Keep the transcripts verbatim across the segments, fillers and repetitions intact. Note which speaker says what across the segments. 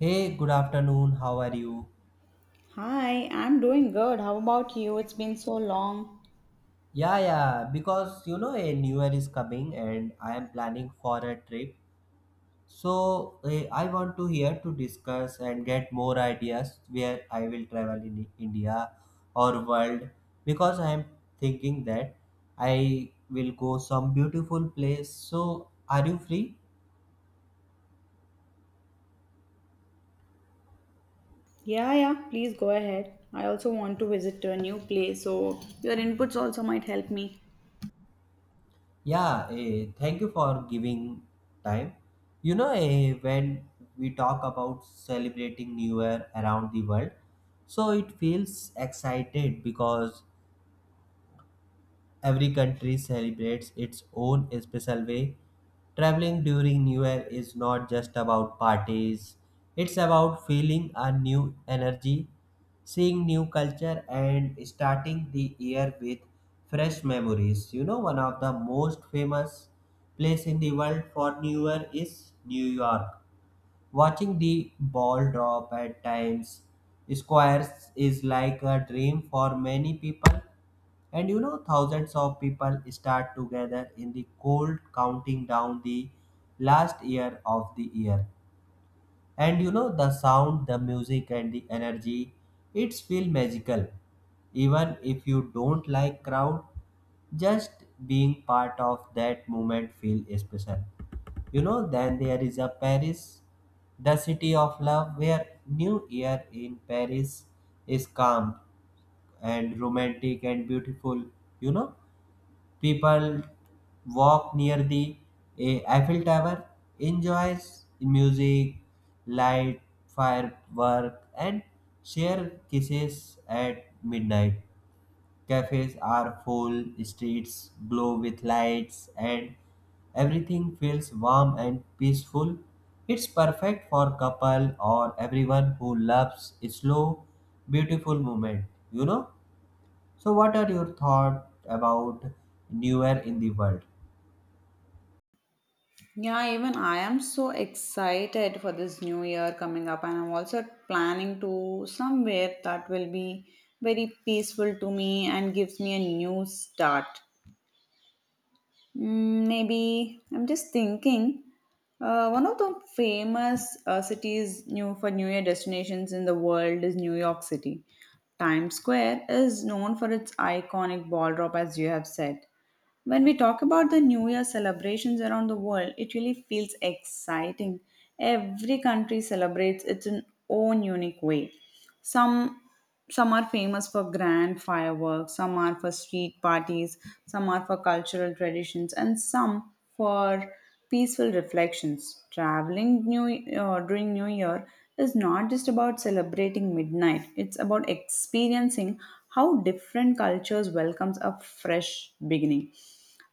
Speaker 1: Hey, good afternoon. How are you?
Speaker 2: Hi, I'm doing good. How about you? It's been so long.
Speaker 1: Yeah, yeah, because you know a new year is coming and I am planning for a trip. So eh, I want to here to discuss and get more ideas where I will travel in India or world because I am thinking that I will go some beautiful place. So are you free?
Speaker 2: Yeah, yeah, please go ahead. I also want to visit to a new place, so your inputs also might help me.
Speaker 1: Yeah, eh, thank you for giving time. You know, eh, when we talk about celebrating New Year around the world, so it feels excited because every country celebrates its own special way. Traveling during New Year is not just about parties, it's about feeling a new energy, seeing new culture, and starting the year with fresh memories. You know, one of the most famous place in the world for New Year is New York. Watching the ball drop at times squares is like a dream for many people. And you know, thousands of people start together in the cold, counting down the last year of the year, and you know, the sound, the music, and the energy, it's feel magical. Even if you don't like crowd, just being part of that moment feel special, you know. Then there is a Paris, the city of love, where new year in Paris is calm and romantic and beautiful, you know. People walk near the eh, Eiffel Tower, enjoys music, light, firework, and share kisses at midnight. Cafes are full, streets glow with lights, and everything feels warm and peaceful. It's perfect for couple or everyone who loves slow, beautiful moment, you know? So, what are your thoughts about newer in the world?
Speaker 2: Yeah, even I am so excited for this new year coming up, and I'm also planning to somewhere that will be very peaceful to me and gives me a new start. Mm, maybe I'm just thinking. Uh, one of the famous uh, cities new for New Year destinations in the world is New York City. Times Square is known for its iconic ball drop, as you have said. When we talk about the New Year celebrations around the world, it really feels exciting. Every country celebrates its own unique way. Some some are famous for grand fireworks, some are for street parties, some are for cultural traditions, and some for peaceful reflections. Traveling new uh, during new year is not just about celebrating midnight. It's about experiencing how different cultures welcomes a fresh beginning.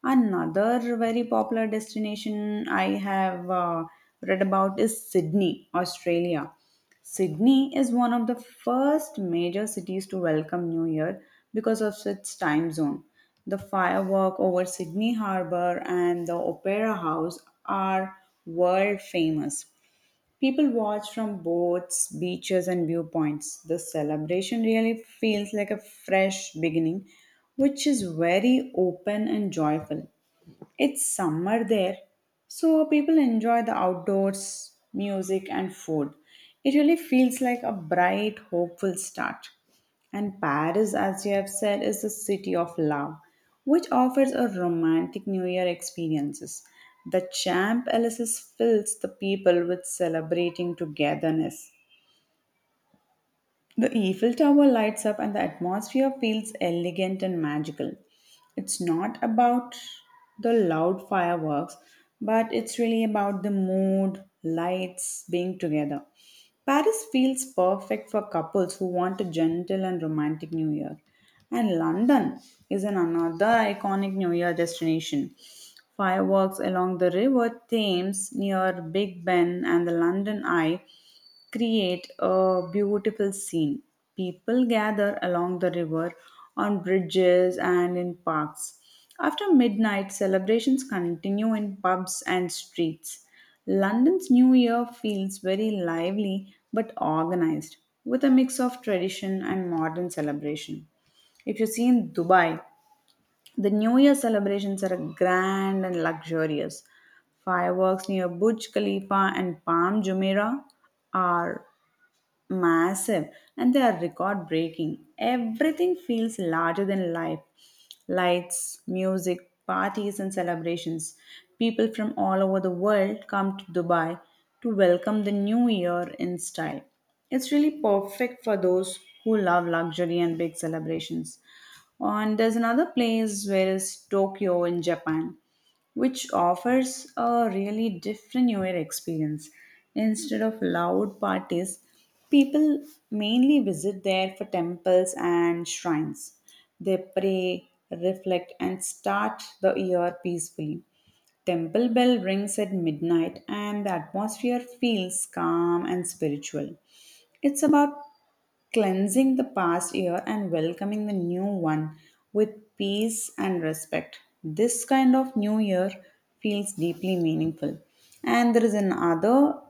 Speaker 2: Another very popular destination I have uh, read about is Sydney, Australia. Sydney is one of the first major cities to welcome New Year because of its time zone. The firework over Sydney Harbour and the Opera House are world famous. People watch from boats, beaches, and viewpoints. The celebration really feels like a fresh beginning, which is very open and joyful. It's summer there, so people enjoy the outdoors, music, and food. It really feels like a bright, hopeful start. And Paris, as you have said, is the city of love, which offers a romantic New Year experiences. The Champ Elysees fills the people with celebrating togetherness. The Eiffel Tower lights up, and the atmosphere feels elegant and magical. It's not about the loud fireworks, but it's really about the mood, lights, being together. Paris feels perfect for couples who want a gentle and romantic New Year. And London is an another iconic New Year destination. Fireworks along the River Thames near Big Ben and the London Eye create a beautiful scene. People gather along the river, on bridges, and in parks. After midnight, celebrations continue in pubs and streets. London's New Year feels very lively but organized, with a mix of tradition and modern celebration. If you see in Dubai, the New Year celebrations are grand and luxurious. Fireworks near Burj Khalifa and Palm Jumeirah are massive, and they are record breaking. Everything feels larger than life: lights, music, parties, and celebrations. People from all over the world come to Dubai to welcome the new year in style. It's really perfect for those who love luxury and big celebrations. And there's another place where is Tokyo in Japan, which offers a really different New Year experience. Instead of loud parties, people mainly visit there for temples and shrines. They pray, reflect, and start the year peacefully. Temple bell rings at midnight, and the atmosphere feels calm and spiritual. It's about cleansing the past year and welcoming the new one with peace and respect. This kind of new year feels deeply meaningful. And there is another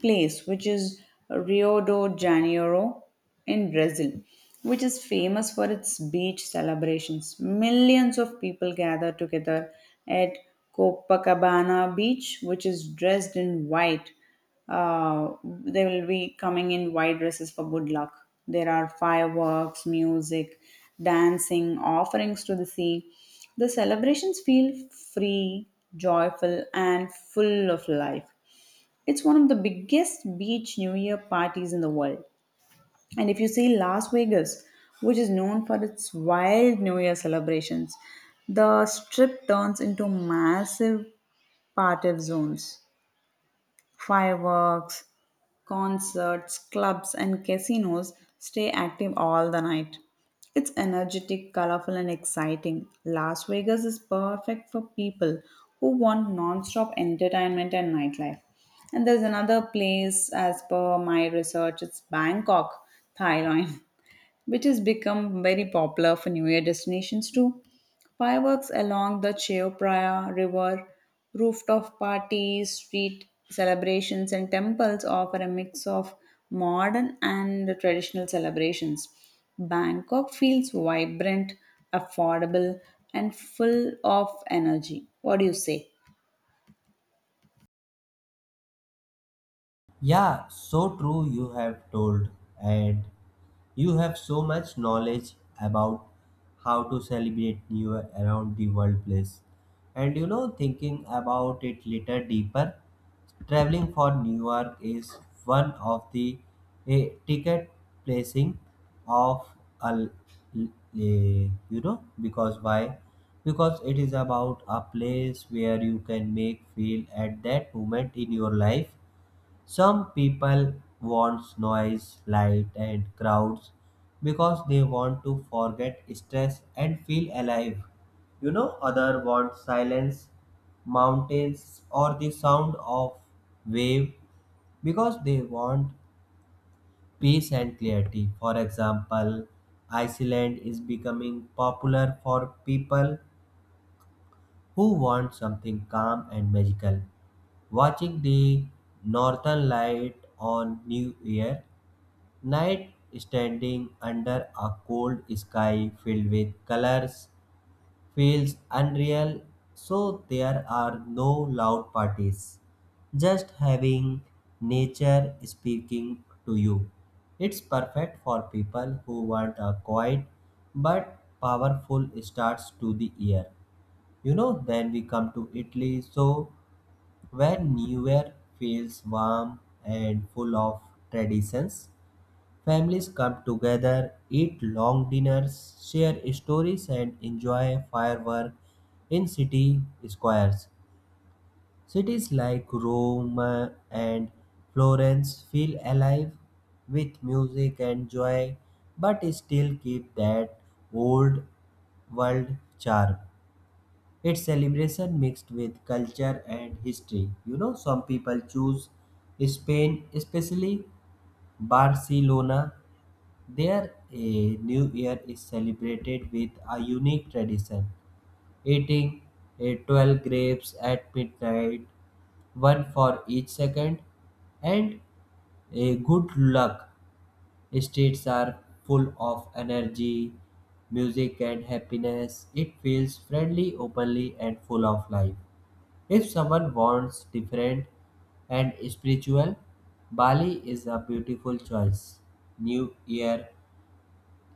Speaker 2: place, which is Rio de Janeiro in Brazil, which is famous for its beach celebrations. Millions of people gather together at Copacabana Beach, which is dressed in white. Uh, they will be coming in white dresses for good luck. There are fireworks, music, dancing, offerings to the sea. The celebrations feel free, joyful, and full of life. It's one of the biggest beach New Year parties in the world. And if you see Las Vegas, which is known for its wild New Year celebrations, the strip turns into massive party zones. Fireworks, concerts, clubs, and casinos stay active all the night. It's energetic, colorful, and exciting. Las Vegas is perfect for people who want non-stop entertainment and nightlife. And there's another place, as per my research, it's Bangkok, Thailand, which has become very popular for New Year destinations too. Fireworks along the Chao Phraya River, rooftop parties, street celebrations, and temples offer a mix of modern and traditional celebrations. Bangkok feels vibrant, affordable, and full of energy. What do you say?
Speaker 1: Yeah, so true you have told, and you have so much knowledge about how to celebrate New Year around the world place. And you know, thinking about it little deeper, traveling for New York is one of the a ticket placing of a, l- l- a- you know because why, because it is about a place where you can make feel at that moment in your life. Some people want noise, light, and crowds because they want to forget stress and feel alive. You know, other want silence, mountains, or the sound of wave because they want peace and clarity. For example, Iceland is becoming popular for people who want something calm and magical. Watching the northern light on New Year Night, standing under a cold sky filled with colors, feels unreal, so there are no loud parties. Just having nature speaking to you. It's perfect for people who want a quiet but powerful start to the year. You know, then we come to Italy, so where New Year feels warm and full of traditions. Families come together, eat long dinners, share stories, and enjoy fireworks in city squares. Cities like Rome uh, and Florence feel alive with music and joy, but still keep that old world charm. It's celebration mixed with culture and history. You know, some people choose Spain, especially Barcelona, their eh, New Year is celebrated with a unique tradition, eating eh, twelve grapes at midnight, one for each second, and eh, good luck. Streets are full of energy, music, and happiness. It feels friendly, openly, and full of life. If someone wants different and spiritual, Bali is a beautiful choice. New Year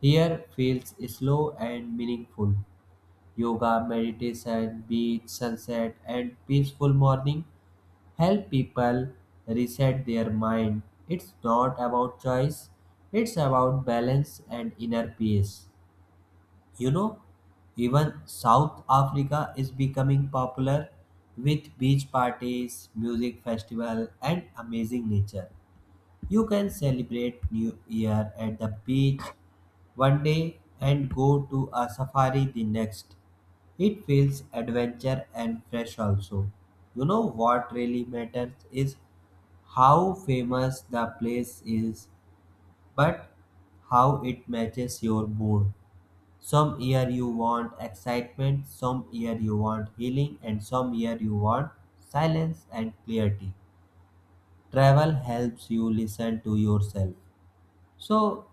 Speaker 1: here feels slow and meaningful. Yoga, meditation, beach, sunset, and peaceful morning help people reset their mind. It's not about choice, it's about balance and inner peace. You know, even South Africa is becoming popular with beach parties, music festival, and amazing nature. You can celebrate New Year at the beach one day and go to a safari the next. It feels adventure and fresh also. You know, what really matters is how famous the place is, but how it matches your mood. Some year you want excitement, some year you want healing, and some year you want silence and clarity. Travel helps you listen to yourself. So,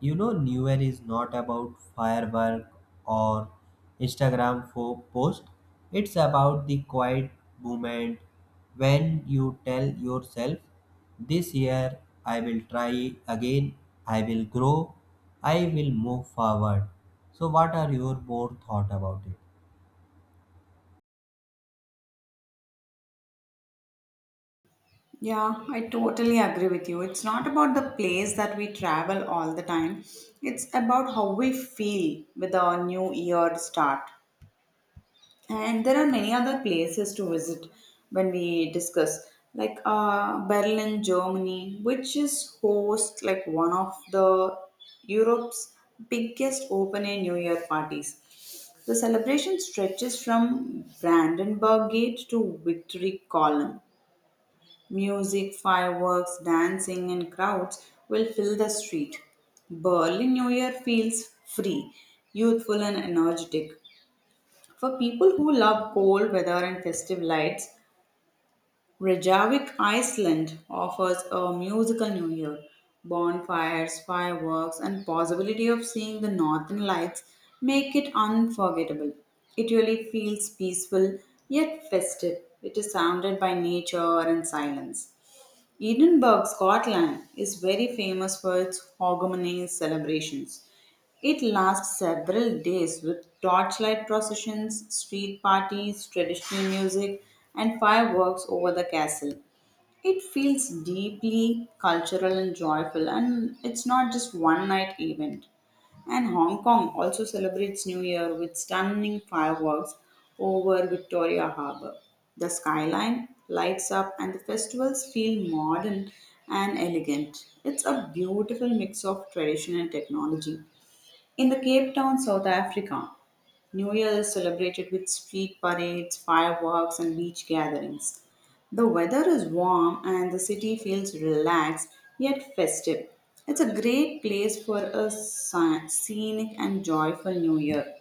Speaker 1: you know, New Year is not about firework or Instagram fo- post. It's about the quiet moment when you tell yourself, this year I will try again, I will grow, I will move forward. So, what are your more thought about it?
Speaker 2: Yeah, I totally agree with you. It's not about the place that we travel all the time, it's about how we feel with our new year start. And there are many other places to visit when we discuss, like uh, Berlin, Germany, which is host like one of the Europe's biggest open air New Year parties. The celebration stretches from Brandenburg Gate to Victory Column. Music, fireworks, dancing, and crowds will fill the street. Berlin New Year feels free, youthful, and energetic. For people who love cold weather and festive lights, Reykjavik, Iceland offers a musical New Year. Bonfires, fireworks, and possibility of seeing the northern lights make it unforgettable. It really feels peaceful yet festive. It is surrounded by nature and silence. Edinburgh, Scotland is very famous for its Hogmanay celebrations. It lasts several days with torchlight processions, street parties, traditional music, and fireworks over the castle. It feels deeply cultural and joyful, and it's not just one night event. And Hong Kong also celebrates New Year with stunning fireworks over Victoria Harbour. The skyline lights up, and the festivals feel modern and elegant. It's a beautiful mix of tradition and technology. In the Cape Town, South Africa, New Year is celebrated with street parades, fireworks, and beach gatherings. The weather is warm and the city feels relaxed yet festive. It's a great place for a sc- scenic and joyful new year.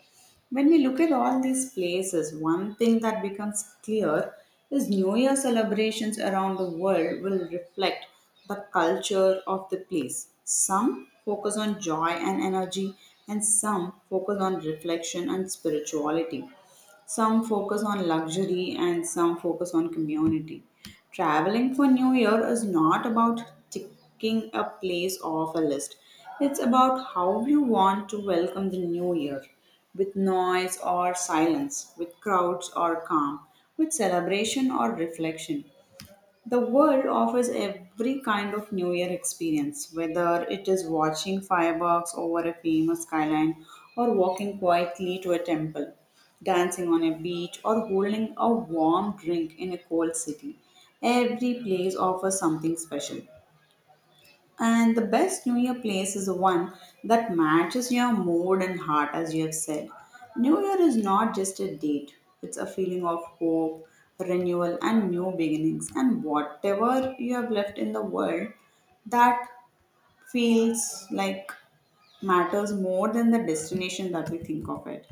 Speaker 2: When we look at all these places, one thing that becomes clear is New Year celebrations around the world will reflect the culture of the place. Some focus on joy and energy, and some focus on reflection and spirituality. Some focus on luxury and some focus on community. Traveling for New Year is not about ticking a place off a list. It's about how you want to welcome the new year: with noise or silence, with crowds or calm, with celebration or reflection. The world offers every kind of New Year experience, whether it is watching fireworks over a famous skyline, or walking quietly to a temple, dancing on a beach, or holding a warm drink in a cold city. Every place offers something special. And the best New Year place is the one that matches your mood and heart, as you have said. New Year is not just a date, it's a feeling of hope, renewal, and new beginnings. And whatever you have left in the world, that feels like matters more than the destination that we think of it.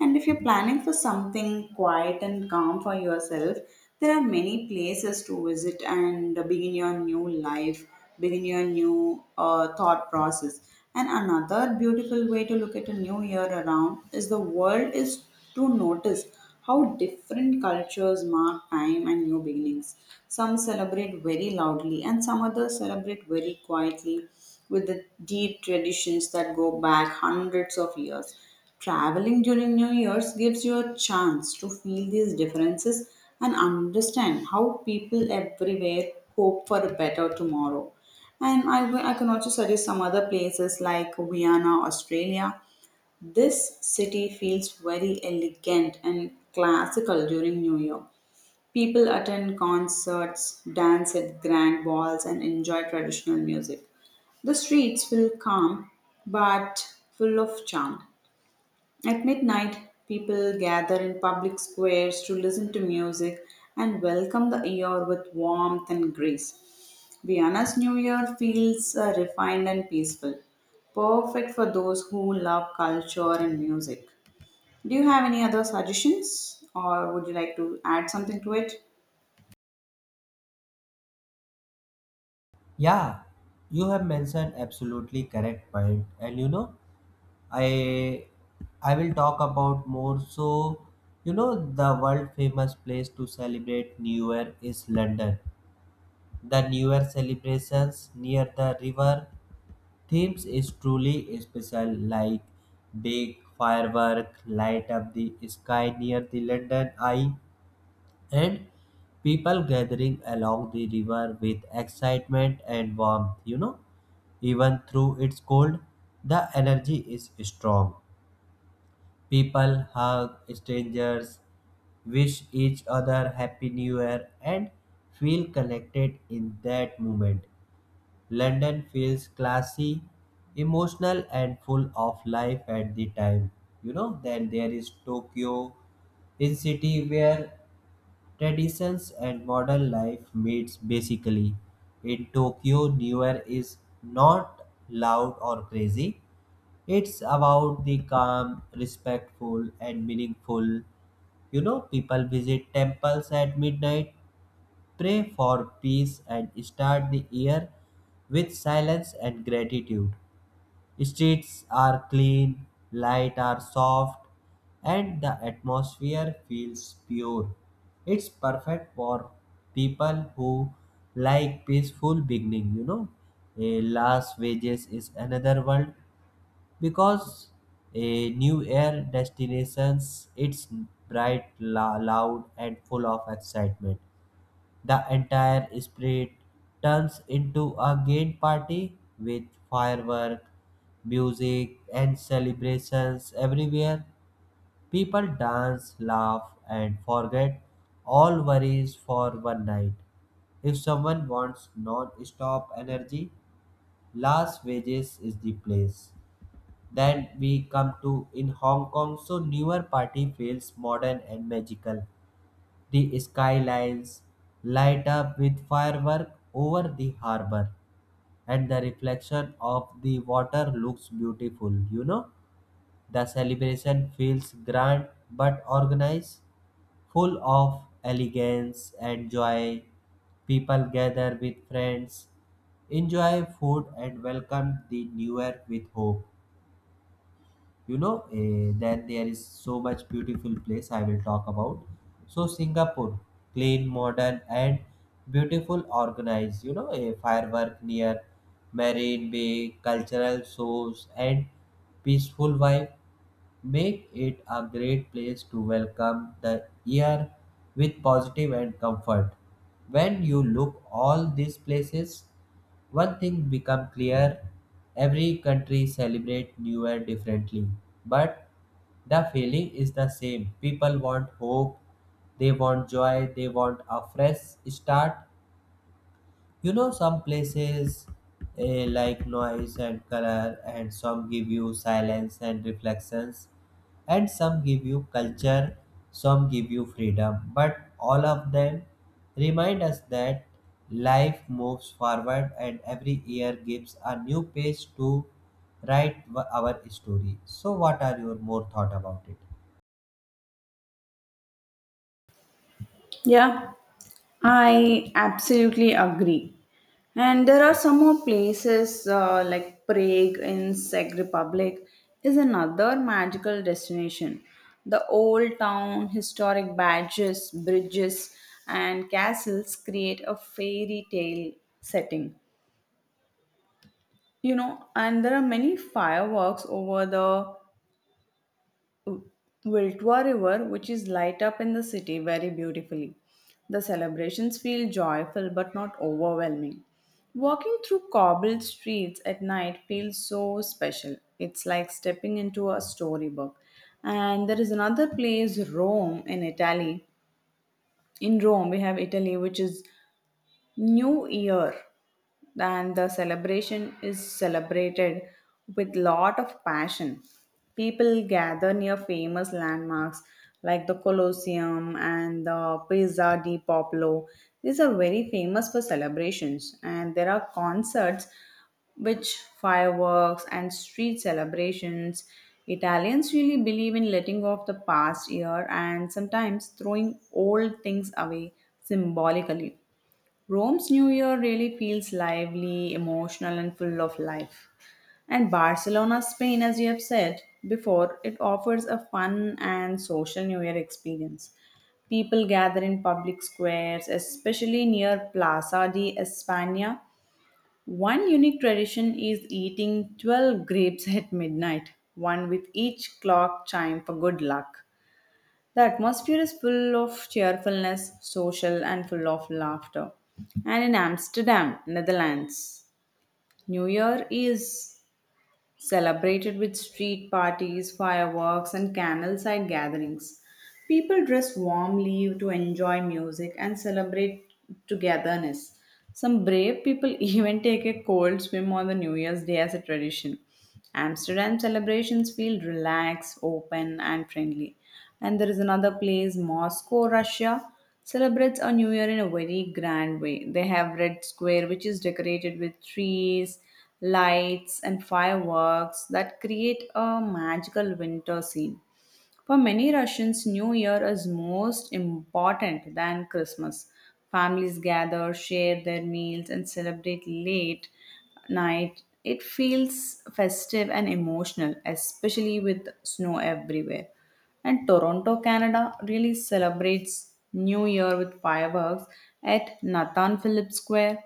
Speaker 2: And if you're planning for something quiet and calm for yourself, there are many places to visit and begin your new life, begin your new uh, thought process. And another beautiful way to look at a new year around is the world is to notice how different cultures mark time and new beginnings. Some celebrate very loudly, and some others celebrate very quietly with the deep traditions that go back hundreds of years. Traveling during New Year's gives you a chance to feel these differences and understand how people everywhere hope for a better tomorrow. And I, will- I can also suggest some other places like Vienna, Australia. This city feels very elegant and classical during New Year. People attend concerts, dance at grand balls, and enjoy traditional music. The streets feel calm but full of charm. At midnight, people gather in public squares to listen to music and welcome the year with warmth and grace. Vienna's New Year feels uh, refined and peaceful, perfect for those who love culture and music. Do you have any other suggestions, or would you like to add something to it?
Speaker 1: Yeah, you have mentioned absolutely correct point, and you know, I I will talk about more. So, you know, the world famous place to celebrate New Year is London. The New Year celebrations near the river Thames is truly special, like big firework light up the sky near the London Eye, and people gathering along the river with excitement and warmth. You know, even through its cold, the energy is strong. People hug strangers, wish each other Happy New Year, and feel connected in that moment. London feels classy, emotional, and full of life at the time. You know, then there is Tokyo, in city where traditions and modern life meets basically. In Tokyo, New Year is not loud or crazy. It's about the calm, respectful, and meaningful. You know, people visit temples at midnight, pray for peace, and start the year with silence and gratitude. Streets are clean, light are soft, and the atmosphere feels pure. It's perfect for people who like peaceful beginning, you know. A Las Vegas is another world because a new air destinations, it's bright, la- loud, and full of excitement. The entire spirit turns into a gay party with fireworks, music, and celebrations everywhere. People dance, laugh, and forget all worries for one night. If someone wants non-stop energy, Las Vegas is the place. Then we come to in Hong Kong, so newer party feels modern and magical. The skylines light up with fireworks over the harbor, and the reflection of the water looks beautiful. You know, the celebration feels grand but organized, full of elegance and joy. People gather with friends, enjoy food, and welcome the new year with hope. You know, eh, then there is so much beautiful place I will talk about. So, Singapore, clean, modern, and beautiful organized, you know, a firework near Marine Bay, cultural shows, and peaceful vibe make it a great place to welcome the year with positive and comfort. When you look all these places, one thing become clear, every country celebrate New Year differently, but the feeling is the same. People want hope, they want joy, they want a fresh start. You know, some places eh, like noise and color, and some give you silence and reflections, and some give you culture, some give you freedom. But all of them remind us that life moves forward, and every year gives a new page to write w- our story. So, what are your more thought about it?
Speaker 2: Yeah, I absolutely agree. And there are some more places uh, like Prague in Czech Republic is another magical destination. The old town, historic badges, bridges, and castles create a fairy tale setting. You know, and there are many fireworks over the Wiltwa River, which is light up in the city very beautifully. The celebrations feel joyful but not overwhelming. Walking through cobbled streets at night feels so special. It's like stepping into a storybook. And there is another place, Rome, in Italy. In Rome, we have Italy, which is New Year and the celebration is celebrated with lot of passion. People gather near famous landmarks like the Colosseum and the Piazza di Popolo. These are very famous for celebrations, and there are concerts which fireworks and street celebrations. Italians really believe in letting go of the past year and sometimes throwing old things away symbolically. Rome's New Year really feels lively, emotional, and full of life. And Barcelona, Spain, as you have said before, it offers a fun and social New Year experience. People gather in public squares, especially near Plaza de España. One unique tradition is eating twelve grapes at midnight, one with each clock chime for good luck. The atmosphere is full of cheerfulness, social, and full of laughter. And in Amsterdam, Netherlands, New Year is celebrated with street parties, fireworks, and canal side gatherings. People dress warmly to enjoy music and celebrate togetherness. Some brave people even take a cold swim on the New Year's Day as a tradition. Amsterdam celebrations feel relaxed, open, and friendly. And there is another place, Moscow, Russia, celebrates a New Year in a very grand way. They have Red Square, which is decorated with trees, lights, and fireworks that create a magical winter scene. For many Russians, New Year is most important than Christmas. Families gather, share their meals, and celebrate late night. It feels festive and emotional, especially with snow everywhere. And Toronto, Canada really celebrates New Year with fireworks at Nathan Phillips Square.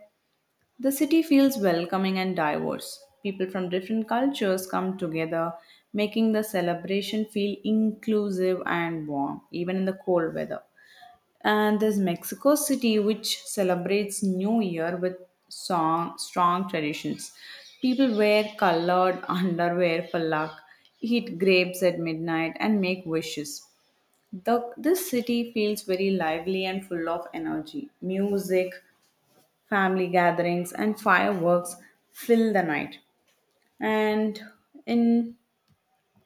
Speaker 2: The city feels welcoming and diverse. People from different cultures come together, making the celebration feel inclusive and warm, even in the cold weather. And there's Mexico City, which celebrates New Year with song, strong traditions. People wear colored underwear for luck, eat grapes at midnight, and make wishes. The, this city feels very lively and full of energy. Music, family gatherings and fireworks fill the night, and in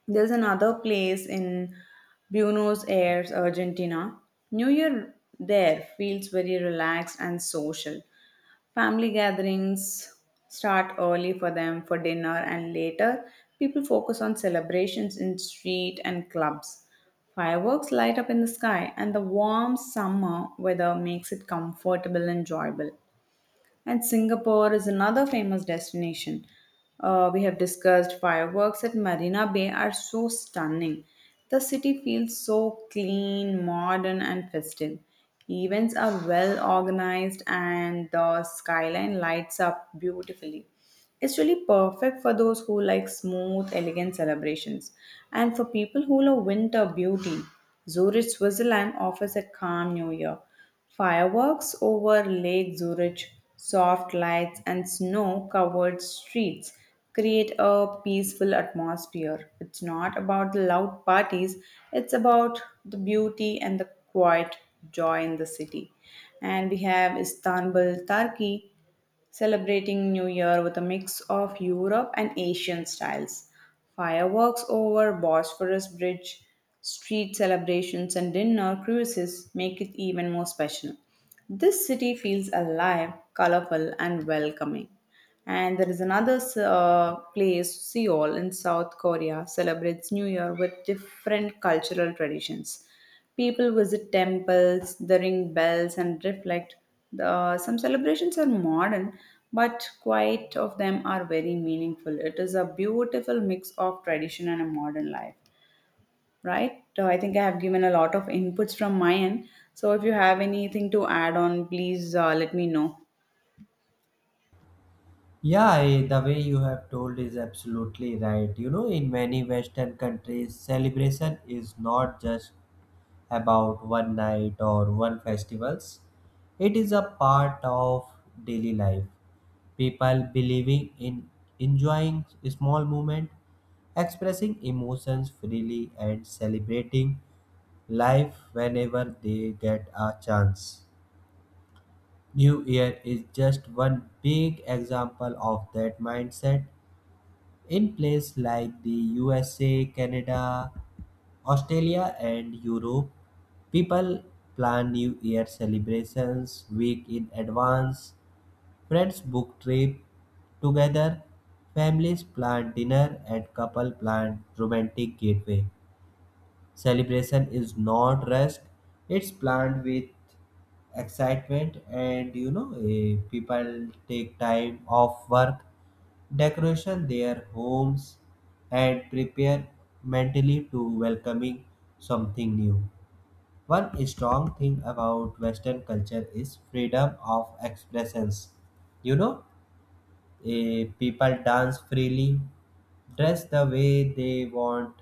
Speaker 2: there's another place in Buenos Aires, Argentina. New Year there feels very relaxed and social. Family gatherings start early for them for dinner, and later people focus on celebrations in street and clubs. Fireworks light up in the sky, and the warm summer weather makes it comfortable and enjoyable. And Singapore is another famous destination. Uh, we have discussed fireworks at Marina Bay are so stunning. The city feels so clean, modern, and festive. Events are well organized, and the skyline lights up beautifully. It's really perfect for those who like smooth, elegant celebrations. And for people who love winter beauty, Zurich, Switzerland offers a calm new year. Fireworks over Lake Zurich, soft lights, and snow covered streets create a peaceful atmosphere. It's not about the loud parties, it's about the beauty and the quiet joy in the city. And we have Istanbul, Turkey, celebrating New Year with a mix of Europe and Asian styles. Fireworks over Bosphorus Bridge, street celebrations, and dinner cruises make it even more special. This city feels alive, colorful, and welcoming. And there is another uh, place, Seoul, in South Korea, celebrates New Year with different cultural traditions. People visit temples, they ring bells, and reflect. The, some celebrations are modern, but quite of them are very meaningful. It is a beautiful mix of tradition and a modern life, right? So I think I have given a lot of inputs from my end. So if you have anything to add on, please uh, let me know.
Speaker 1: Yeah, I- the way you have told is absolutely right. You know, in many Western countries, celebration is not just about one night or one festivals. It is a part of daily life. People believing in enjoying small moment, expressing emotions freely, and celebrating life whenever they get a chance. New Year is just one big example of that mindset. In places like the U S A, Canada, Australia, and Europe, people plan New Year celebrations week in advance. Friends book trip together, families plan dinner, and couple plan romantic getaway. Celebration is not rushed; it's planned with excitement, and you know, eh, people take time off work, decoration their homes, and prepare mentally to welcoming something new. One strong thing about Western culture is freedom of expressions. You know, Eh, people dance freely, dress the way they want,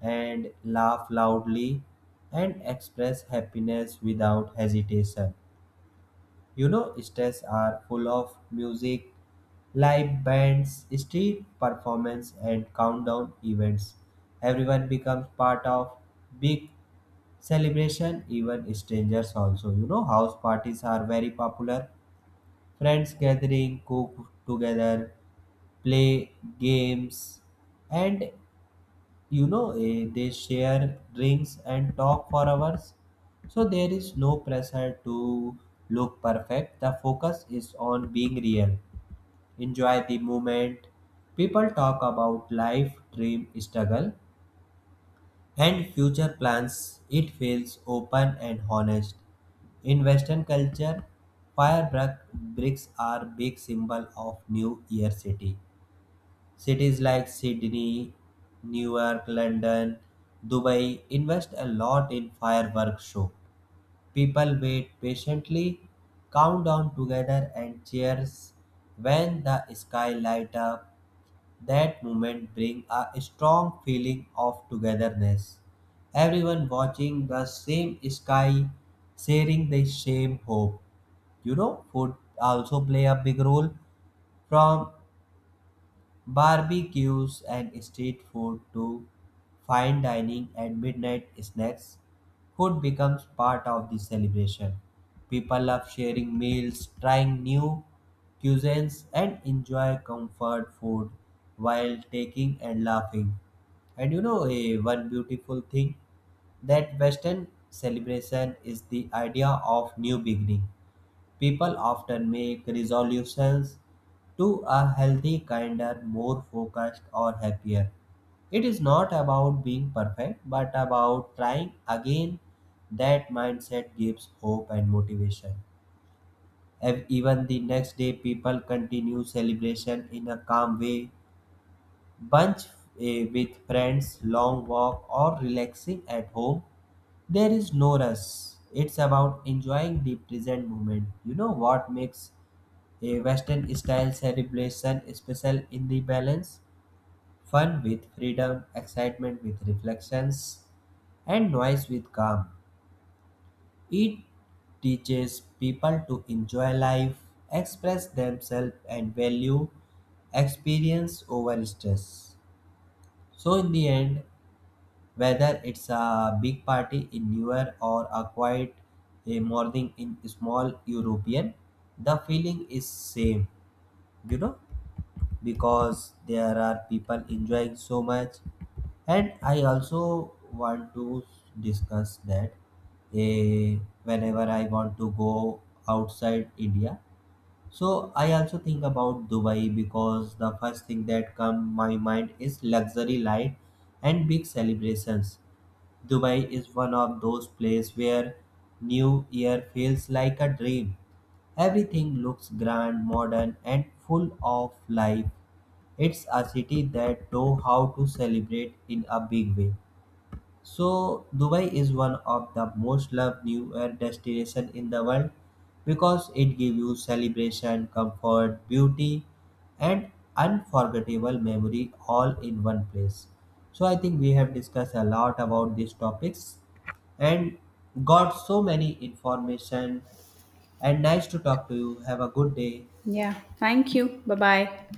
Speaker 1: and laugh loudly and express happiness without hesitation. You know, states are full of music, live bands, street performance, and countdown events. Everyone becomes part of big celebration, even strangers also. You know, house parties are very popular. Friends gathering, cook together, play games, and you know, eh, they share drinks and talk for hours. So there is no pressure to look perfect. The focus is on being real. Enjoy the moment. People talk about life, dream, struggle, and future plans, it feels open and honest. In Western culture, firework bricks are big symbol of New Year City. Cities like Sydney, Newark, London, Dubai invest a lot in fireworks show. People wait patiently, count down together, and cheers when the sky light up. That moment brings a strong feeling of togetherness. Everyone watching the same sky, sharing the same hope. You know, food also play a big role, from barbecues and street food to fine dining and midnight snacks, food becomes part of the celebration. People love sharing meals, trying new cuisines, and enjoy comfort food while taking and laughing. And you know, a one beautiful thing that Western celebration is the idea of new beginning. People often make resolutions to a healthy, kinder, more focused, or happier. It is not about being perfect, but about trying again. That mindset gives hope and motivation. Ev- Even the next day, people continue celebration in a calm way. Bunch eh, with friends, long walk, or relaxing at home. There is no rush. It's about enjoying the present moment. You know what makes a Western-style celebration special in the balance, fun with freedom, excitement with reflections, and noise with calm. It teaches people to enjoy life, express themselves, and value experience over stress. So, in the end, whether it's a big party in New Year or a quiet a morning in small European, the feeling is same. You know, because there are people enjoying so much. And I also want to discuss that, eh, whenever I want to go outside India, so I also think about Dubai, because the first thing that come my mind is luxury life and big celebrations. Dubai is one of those places where New Year feels like a dream. Everything looks grand, modern, and full of life. It's a city that knows how to celebrate in a big way. So Dubai is one of the most loved New Year destination in the world because it gives you celebration, comfort, beauty, and unforgettable memory all in one place. So I think we have discussed a lot about these topics, and got so many information, and nice to talk to you. Have a good day.
Speaker 2: Yeah. Thank you. Bye bye.